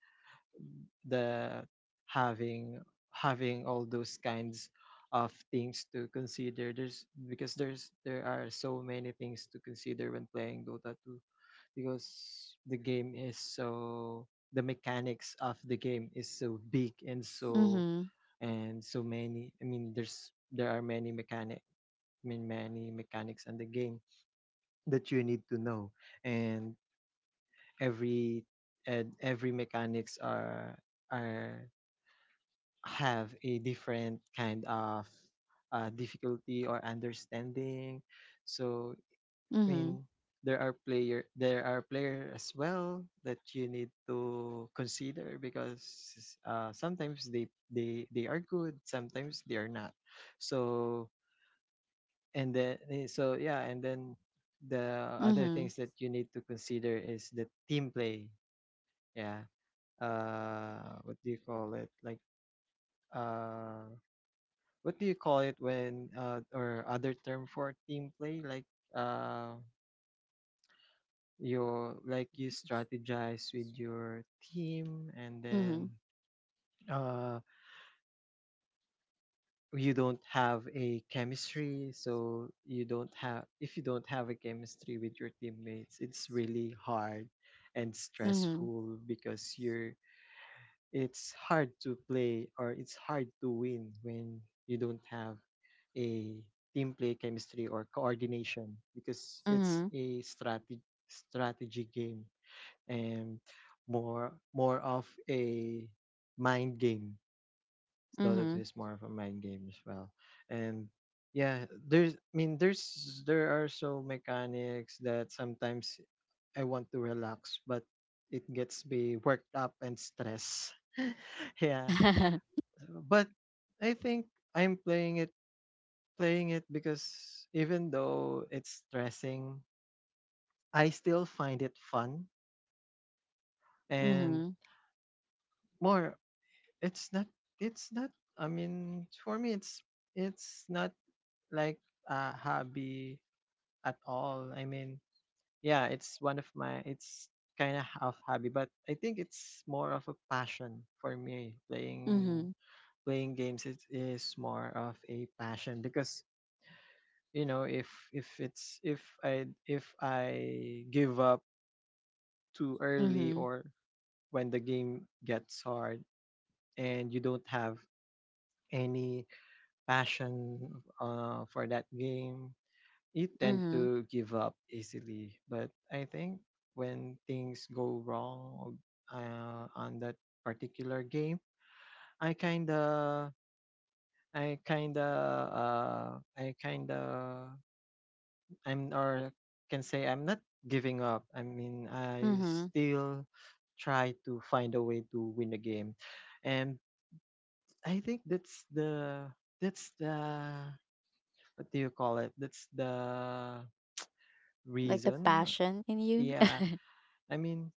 S2: the having having all those kinds of things to consider, there's because there's there are so many things to consider when playing Dota 2, because the mechanics of the game is so big, and so
S1: Mhm.
S2: and so many. I mean, there are many mechanic. I mean, many mechanics in the game that you need to know. And every every mechanics are have a different kind of, difficulty or understanding. So, I mean, there are player as well that you need to consider, because sometimes they are good, sometimes they are not. So, and then, and then the other
S1: Mhm.
S2: things that you need to consider is the team play. Yeah. uh what do you call it, like, uh what do you call it when, or other term for team play, like, uh you, like, you strategize with your team, and then,
S1: Mhm.
S2: uh you don't have a chemistry, so, you don't have if you don't have a chemistry with your teammates, it's really hard and
S1: Mhm.
S2: stressful, because you're, it's hard to play, or it's hard to win when you don't have a team play chemistry or coordination, because it's
S1: Mhm.
S2: a strategy game, and more of a mind game. Dota 2
S1: Mhm.
S2: is more of a mind game as well. And, yeah, there's I mean there's there are so mechanics that sometimes I want to relax, but it gets me worked up and stress. Yeah.
S1: Mhm.
S2: But I think I'm playing it because, even though it's stressing, I still find it fun,
S1: Mhm.
S2: and
S1: Mhm.
S2: more, it's not it's not I mean, for me, it's not like a hobby at all. I mean, yeah, it's kind of half hobby, but I think it's more of a passion for me.
S1: Mhm.
S2: Playing
S1: Mhm.
S2: playing games, it is more of a passion, because, you know, if I give up too early,
S1: Mhm.
S2: or when the game gets hard and you don't have any passion, for that game, you tend to give up easily. But I think, when things go wrong, on that particular game, I kinda, I kinda, uh, I kinda, I'm or can say I'm not giving up. I mean, I
S1: Mhm.
S2: still try to find a way to win the game. And I think that's the, what do you call it? That's the
S1: Like the
S2: reason.
S1: passion in you.
S2: Yeah. I mean,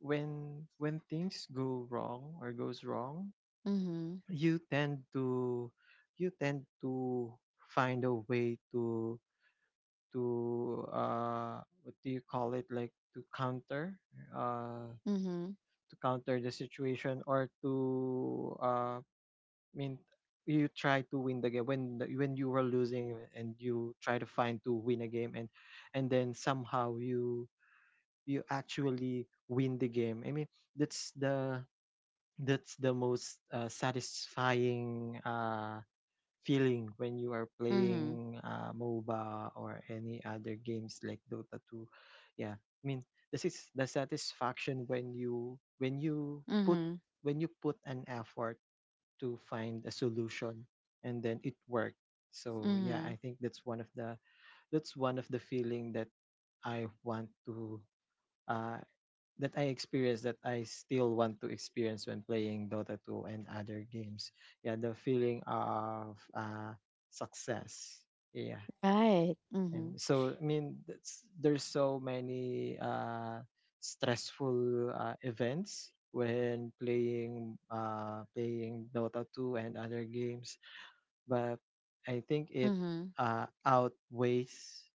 S2: when things go wrong, or goes wrong,
S1: Mhm.
S2: you tend to you tend to find a way to what do you call it like to counter, uh
S1: Mhm.
S2: to counter the situation, or to, I mean you try to win the game when the, when you were losing, and you try to find to win a game, and then somehow you actually win the game. I mean, that's the that's the most, satisfying, feeling when you are
S1: Mhm.
S2: playing, MOBA, or any other games like Dota 2. Yeah, I mean, this is the satisfaction when you when you put
S1: Mhm.
S2: when you put an effort to find a solution, and then it worked. So, yeah, I
S1: Mhm.
S2: think that's one of the feeling that, I want to uh, that I experienced, that I still want to experience when playing Dota 2 and other games. Yeah, the feeling of, success. Yeah.
S1: Right. Mhm.
S2: And so, I mean, there's so many, stressful, events when playing, Dota 2 and other games, but I think it,
S1: Mhm.
S2: uh, outweighs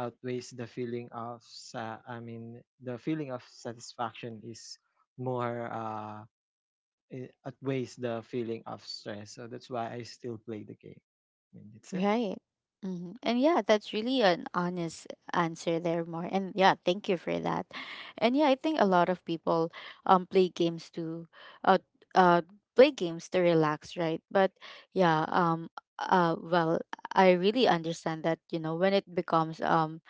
S2: outweighs the feeling of satisfaction, is more it outweighs the feeling of stress. So that's why I still play the game. I mean, that's it.
S1: Right. Hmm. And yeah, that's really an honest answer there, more. And yeah, thank you for that. And yeah, I think a lot of people um play games to uh uh play games to relax, right? But yeah, well, I really understand that, you know, when it becomes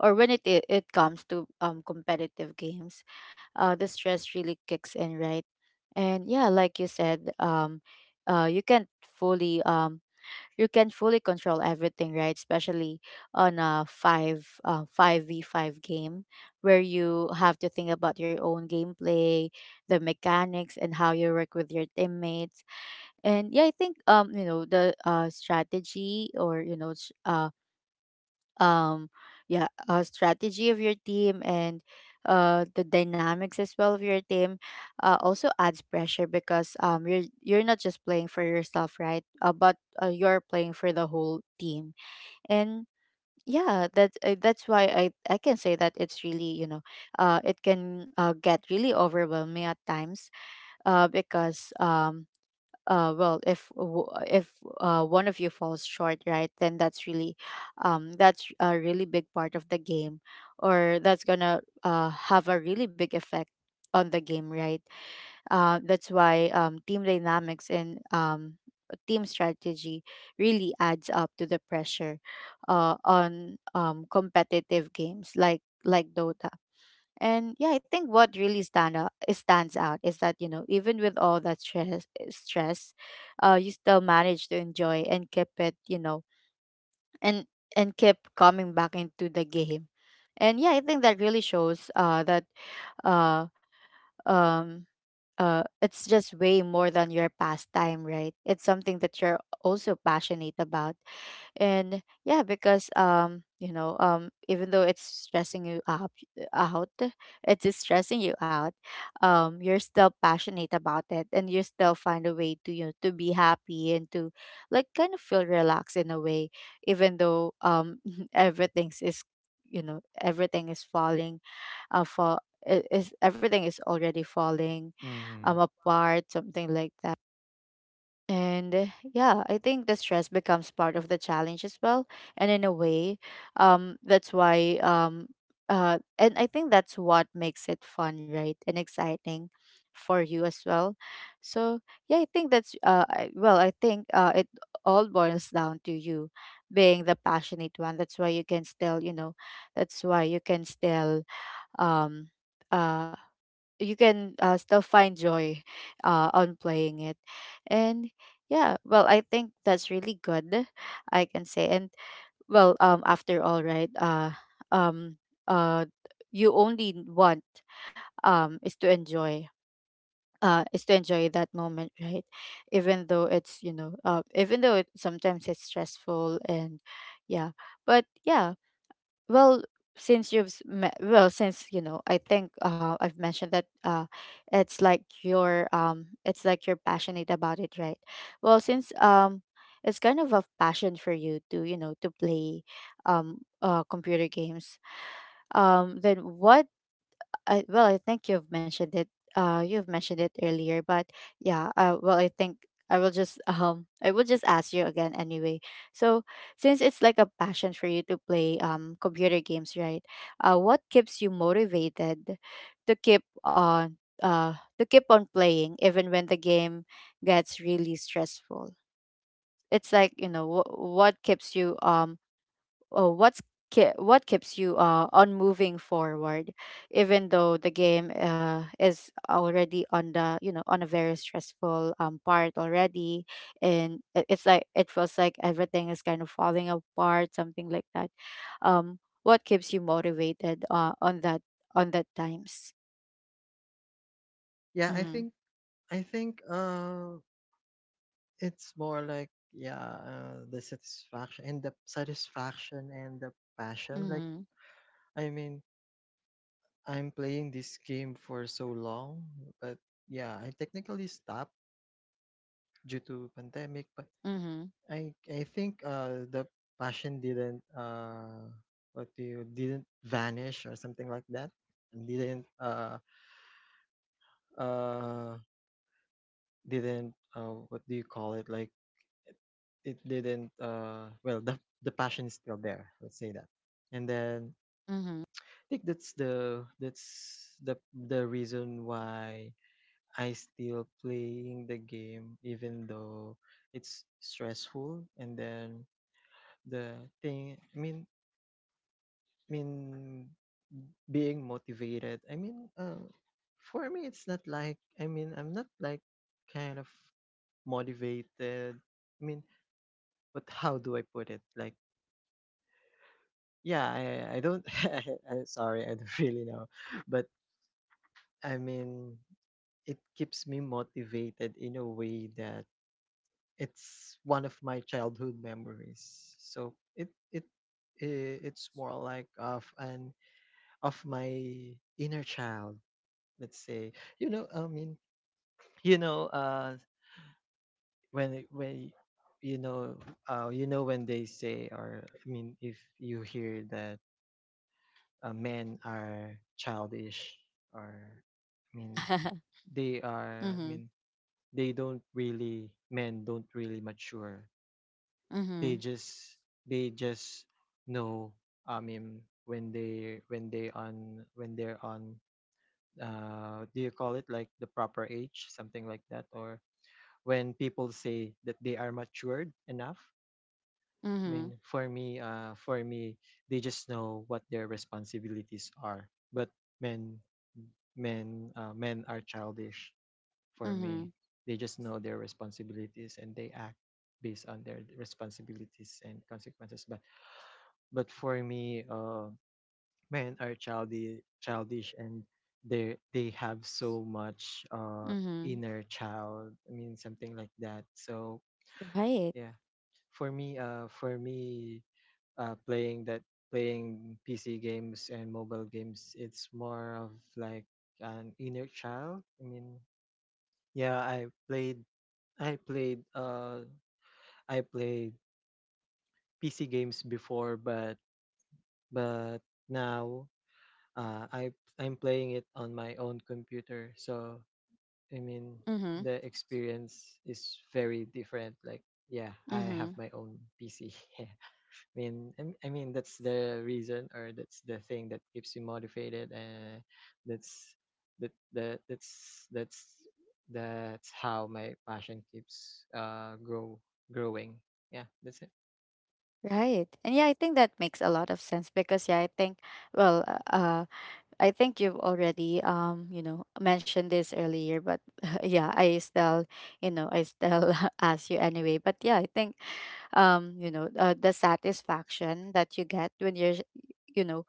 S1: or when it comes to competitive games, the stress really kicks in, right? And yeah, like you said, you can't fully you can fully control everything, right? Especially on a five v five game, where you have to think about your own gameplay, the mechanics, and how you work with your teammates. And yeah, I think you know, the strategy, or you know, um yeah, strategy of your team, and the dynamics as well of your team also adds pressure, because um, you're you're not just playing for yourself, right? But you're playing for the whole team. And yeah, that's why I can say that it's really, you know, it can get really overwhelming at times, because well, if one of you falls short, right, then that's really that's a really big part of the game, or that's gonna have a really big effect on the game, right? That's why team dynamics and team strategy really adds up to the pressure on competitive games, like Dota. And yeah, I think what really stands out is that, you know, even with all that stress, you still manage to enjoy and keep it, you know, and keep coming back into the game. And yeah, I think that really shows that uh um it's just way more than your pastime, right? It's something that you're also passionate about. And yeah, because you know, even though it's out stressing you out, you're still passionate about it, and you still find a way to, you know, to be happy and to like kind of feel relaxed in a way, even though everything's is everything is uh fall everything is already falling
S2: Hmm.
S1: apart, something like that. And yeah, I think the stress becomes part of the challenge as well. And in a way, um, that's why, um, and I think that's what makes it fun, right? And exciting for you as well. So yeah, I think that's, well, I think it all boils down to you being the passionate one. That's why you can still, you know, that's why um, uh, you can still find joy on playing it. And yeah, well, I think that's really good, I can say. And well, after all, right, um uh you only want um is to enjoy is to enjoy that moment, right? Even though it's, you know, even though it sometimes it's stressful, and yeah. But yeah, well, since you know, I think I've mentioned that it's like you're passionate about it, right? Well, since it's kind of a passion for you to, you know, to play computer games. Then what I, well, I think you've mentioned it. You've mentioned it earlier, but yeah. Well, I think I will just I will just ask you again anyway. So, since it's like a passion for you to play computer games, right? What keeps you motivated to keep on uh to keep on playing, even when the game gets really stressful? It's like, you know, what keeps you oh, what's what keeps you on moving forward, even though the game is already on the, you know, on a very stressful part already, and it's like it feels like everything is kind of falling apart, something like that. What keeps you motivated on that, on that times?
S2: Yeah, I
S1: Mm-hmm.
S2: think I think it's more like, yeah, the satisfaction and the passion. Like,
S1: Mm-hmm.
S2: I mean, I'm playing this game for so long, but yeah, I technically stopped due to pandemic, but
S1: Mm-hmm.
S2: I think, the passion didn't what do you didn't vanish, or something like that. And uh didn't what do you call it like it didn't, well, the passion is still there, let's say that. And then
S1: Mm-hmm.
S2: I think that's the, the reason why I still playing the game even though it's stressful. And then the thing I mean being motivated, for me it's not like, I'm not like kind of motivated, i mean but how do I put it? Like, yeah, I don't. Sorry, I don't really know, but I mean, it keeps me motivated in a way that it's one of my childhood memories. So it's more like of an, of my inner child. Let's say, you know. I mean, you know, when you know, you know, when they say, or if you hear that, men are childish, or I mean they are,
S1: Mm-hmm.
S2: they don't really, men don't really mature.
S1: Mm-hmm.
S2: They just they just know, when they're on, do you call it like the proper age, something like that, or when people say that they are matured enough.
S1: Mm-hmm.
S2: For me, they just know what their responsibilities are. But men, men are childish, for me.
S1: Mm-hmm.
S2: They just know their responsibilities and they act based on their responsibilities and consequences. But for me, men are childish, and they have so much,
S1: Mm-hmm.
S2: inner child, something like that. So
S1: Right.
S2: yeah, for me, playing that, playing PC games and mobile games, it's more of like an inner child, yeah. I played I played PC games before, but but now, I'm playing it on my own computer. So I mean
S1: Mm-hmm.
S2: the experience is very different. Like, yeah, I have
S1: Mm-hmm.
S2: my own PC. I mean, that's the reason, or that's the thing that keeps you motivated. And that's, that that that's that's that's how my passion keeps growing. Yeah, that's it.
S1: Right. And yeah, I think that makes a lot of sense because yeah, I think well, uh uh, I think you've already mentioned this earlier, but yeah, I still ask you anyway. But yeah, I think the satisfaction that you get when you're you know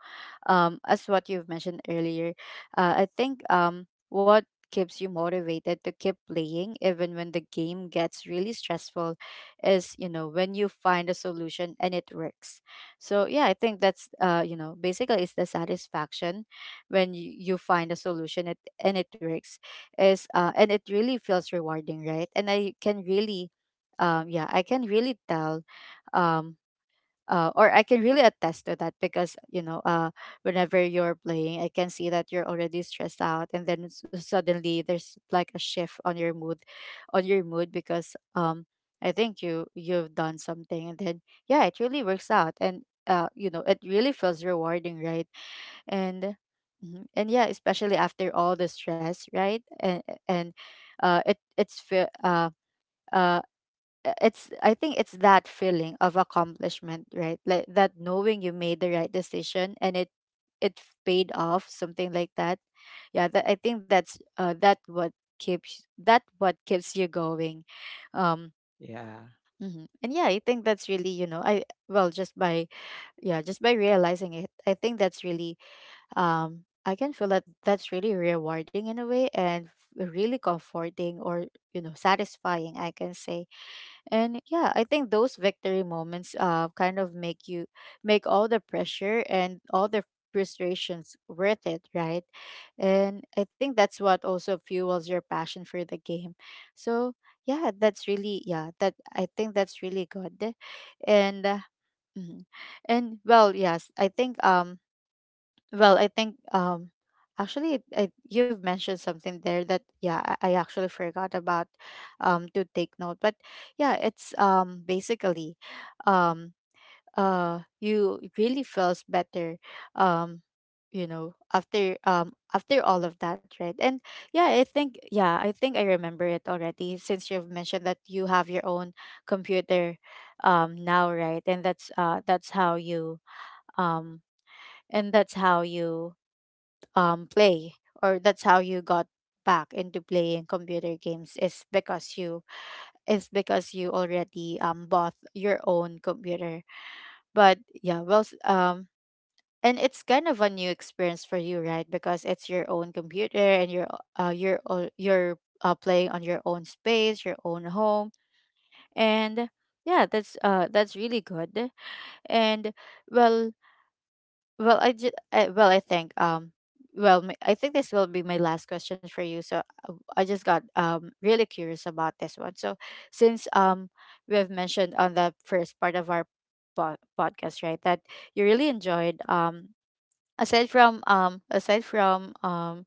S1: as what you've mentioned earlier. I think what keeps you motivated to keep playing even when the game gets really stressful is, you know, when you find a solution and it works. So yeah, I think that's basically it's the satisfaction when you find a solution and it works. Is And it really feels rewarding, right? And I can really yeah I can really tell. Um uh, or I can really attest to that because, you know, whenever you're playing, I can see that you're already stressed out, and then suddenly there's like a shift on your mood, on your mood because I think you you've done something, and then yeah, it really works out. And it really feels rewarding, right? And mhm, and yeah, especially after all the stress, right? And and uh it it's feel uh uh it's I think it's that feeling of accomplishment, right? Like that, knowing you made the right decision and paid off, something like that. Yeah, I think that's that what keeps you going. um
S2: Yeah,
S1: mhm. And yeah, I think that's really, you know, I well just by yeah, just by realizing it, I think that's really I can feel that that's really rewarding in a way, and really comforting, or, you know, satisfying, I can say. And yeah, I think those victory moments kind of make you make all the pressure and all the frustrations worth it, right? And I think that's what also fuels your passion for the game. So yeah, that's really, yeah, that I think that's really good. And Mhm. And I think I think actually you've mentioned something there that yeah, I actually forgot about to take note. But yeah, it's basically um you, it really feels better um you know, after after all of that, right? And yeah, I think, yeah, I think I remember it already, since you've mentioned that you have your own computer now, right? And that's how you um and that's how you play, or that's how you got back into playing computer games, is because you already bought your own computer. But yeah, and it's kind of a new experience for you, right? Because it's your own computer and you're playing on your own space, your own home. And yeah, that's really good. And well, I think, I think this will be my last question for you. So I just got really curious about this one. So since we have mentioned on the first part of our podcast, right, that you really enjoyed aside from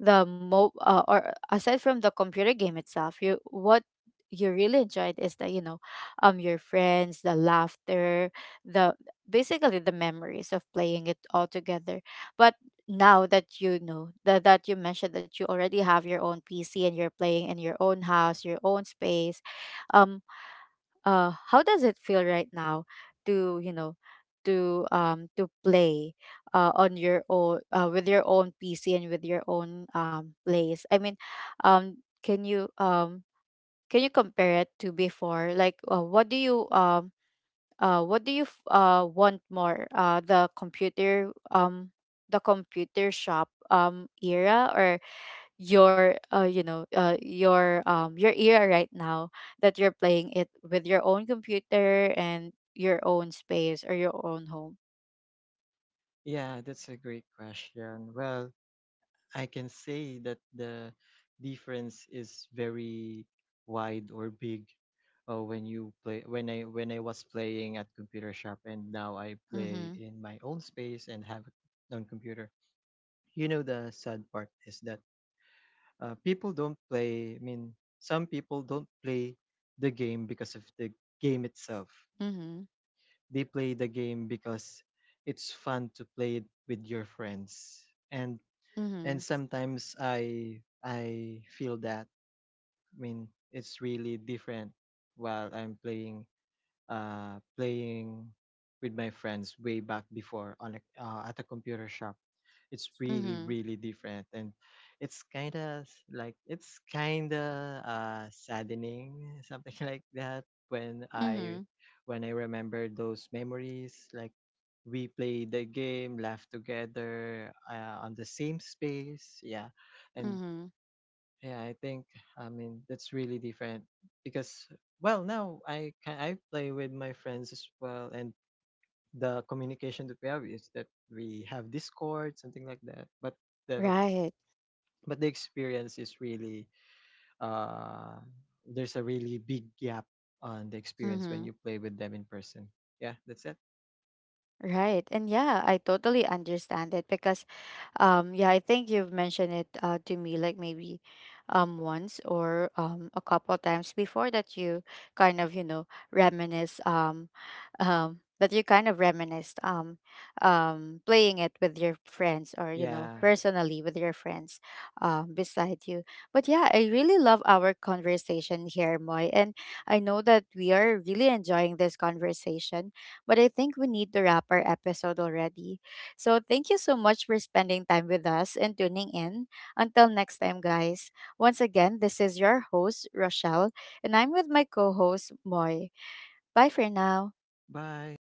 S1: the mo or aside from the computer game itself, you what you really enjoyed is the, you know, your friends, the laughter, the, basically the memories of playing it all together. But now that you mentioned that you already have your own PC, and you're playing in your own house, your own space, um how does it feel right now to, you know, to play on your own, with your own PC and with your own place, I mean, um can you um can you compare it to before? Like, what do you want more? The computer, the computer shop era, your, your era right now, that you're playing it with your own computer and your own space, or your own home?
S2: yeah, that's a great question. Well, I can say that the difference is very wide, or big, when you play when I was playing at computer shop and now I play
S1: Mhm.
S2: in my own space and have a own computer. You know, the sad part is that, people don't play. Some people don't play the game because of the game itself.
S1: Mhm.
S2: They play the game because it's fun to play it with your friends. And and
S1: Mhm.
S2: sometimes I feel that, it's really different while I'm playing, uh, playing with my friends way back before on a, at a computer shop. It's really,
S1: Mhm.
S2: really different, and it's kind of like, it's kind of, saddening, something like that, when
S1: Mhm.
S2: I remember those memories. Like, we played the game, laughed together, on the same space. Yeah. And
S1: Mhm.
S2: yeah, I think, that's really different, because, well, now I can, I play with my friends as well, and the communication that we have is that we have Discord, something like that. But the
S1: Right.
S2: the experience is really, uh there's a really big gap on the experience when
S1: Mhm.
S2: you play with them in person. Yeah, that's it.
S1: Right. And yeah, I totally understand it because yeah, I think you've mentioned it to me like maybe once or a couple times before that you kind of, you know, reminisce that you kind of reminisced playing it with your friends, or, you know,
S2: Yeah.
S1: personally with your friends beside you. But yeah, I really love our conversation here, Moy, and I know that we are really enjoying this conversation, but I think we need to wrap our episode already. So thank you so much for spending time with us and tuning in. Until next time, guys. Once again, this is your host, Rochelle, and I'm with my co host, Moy. Bye for now.
S2: Bye.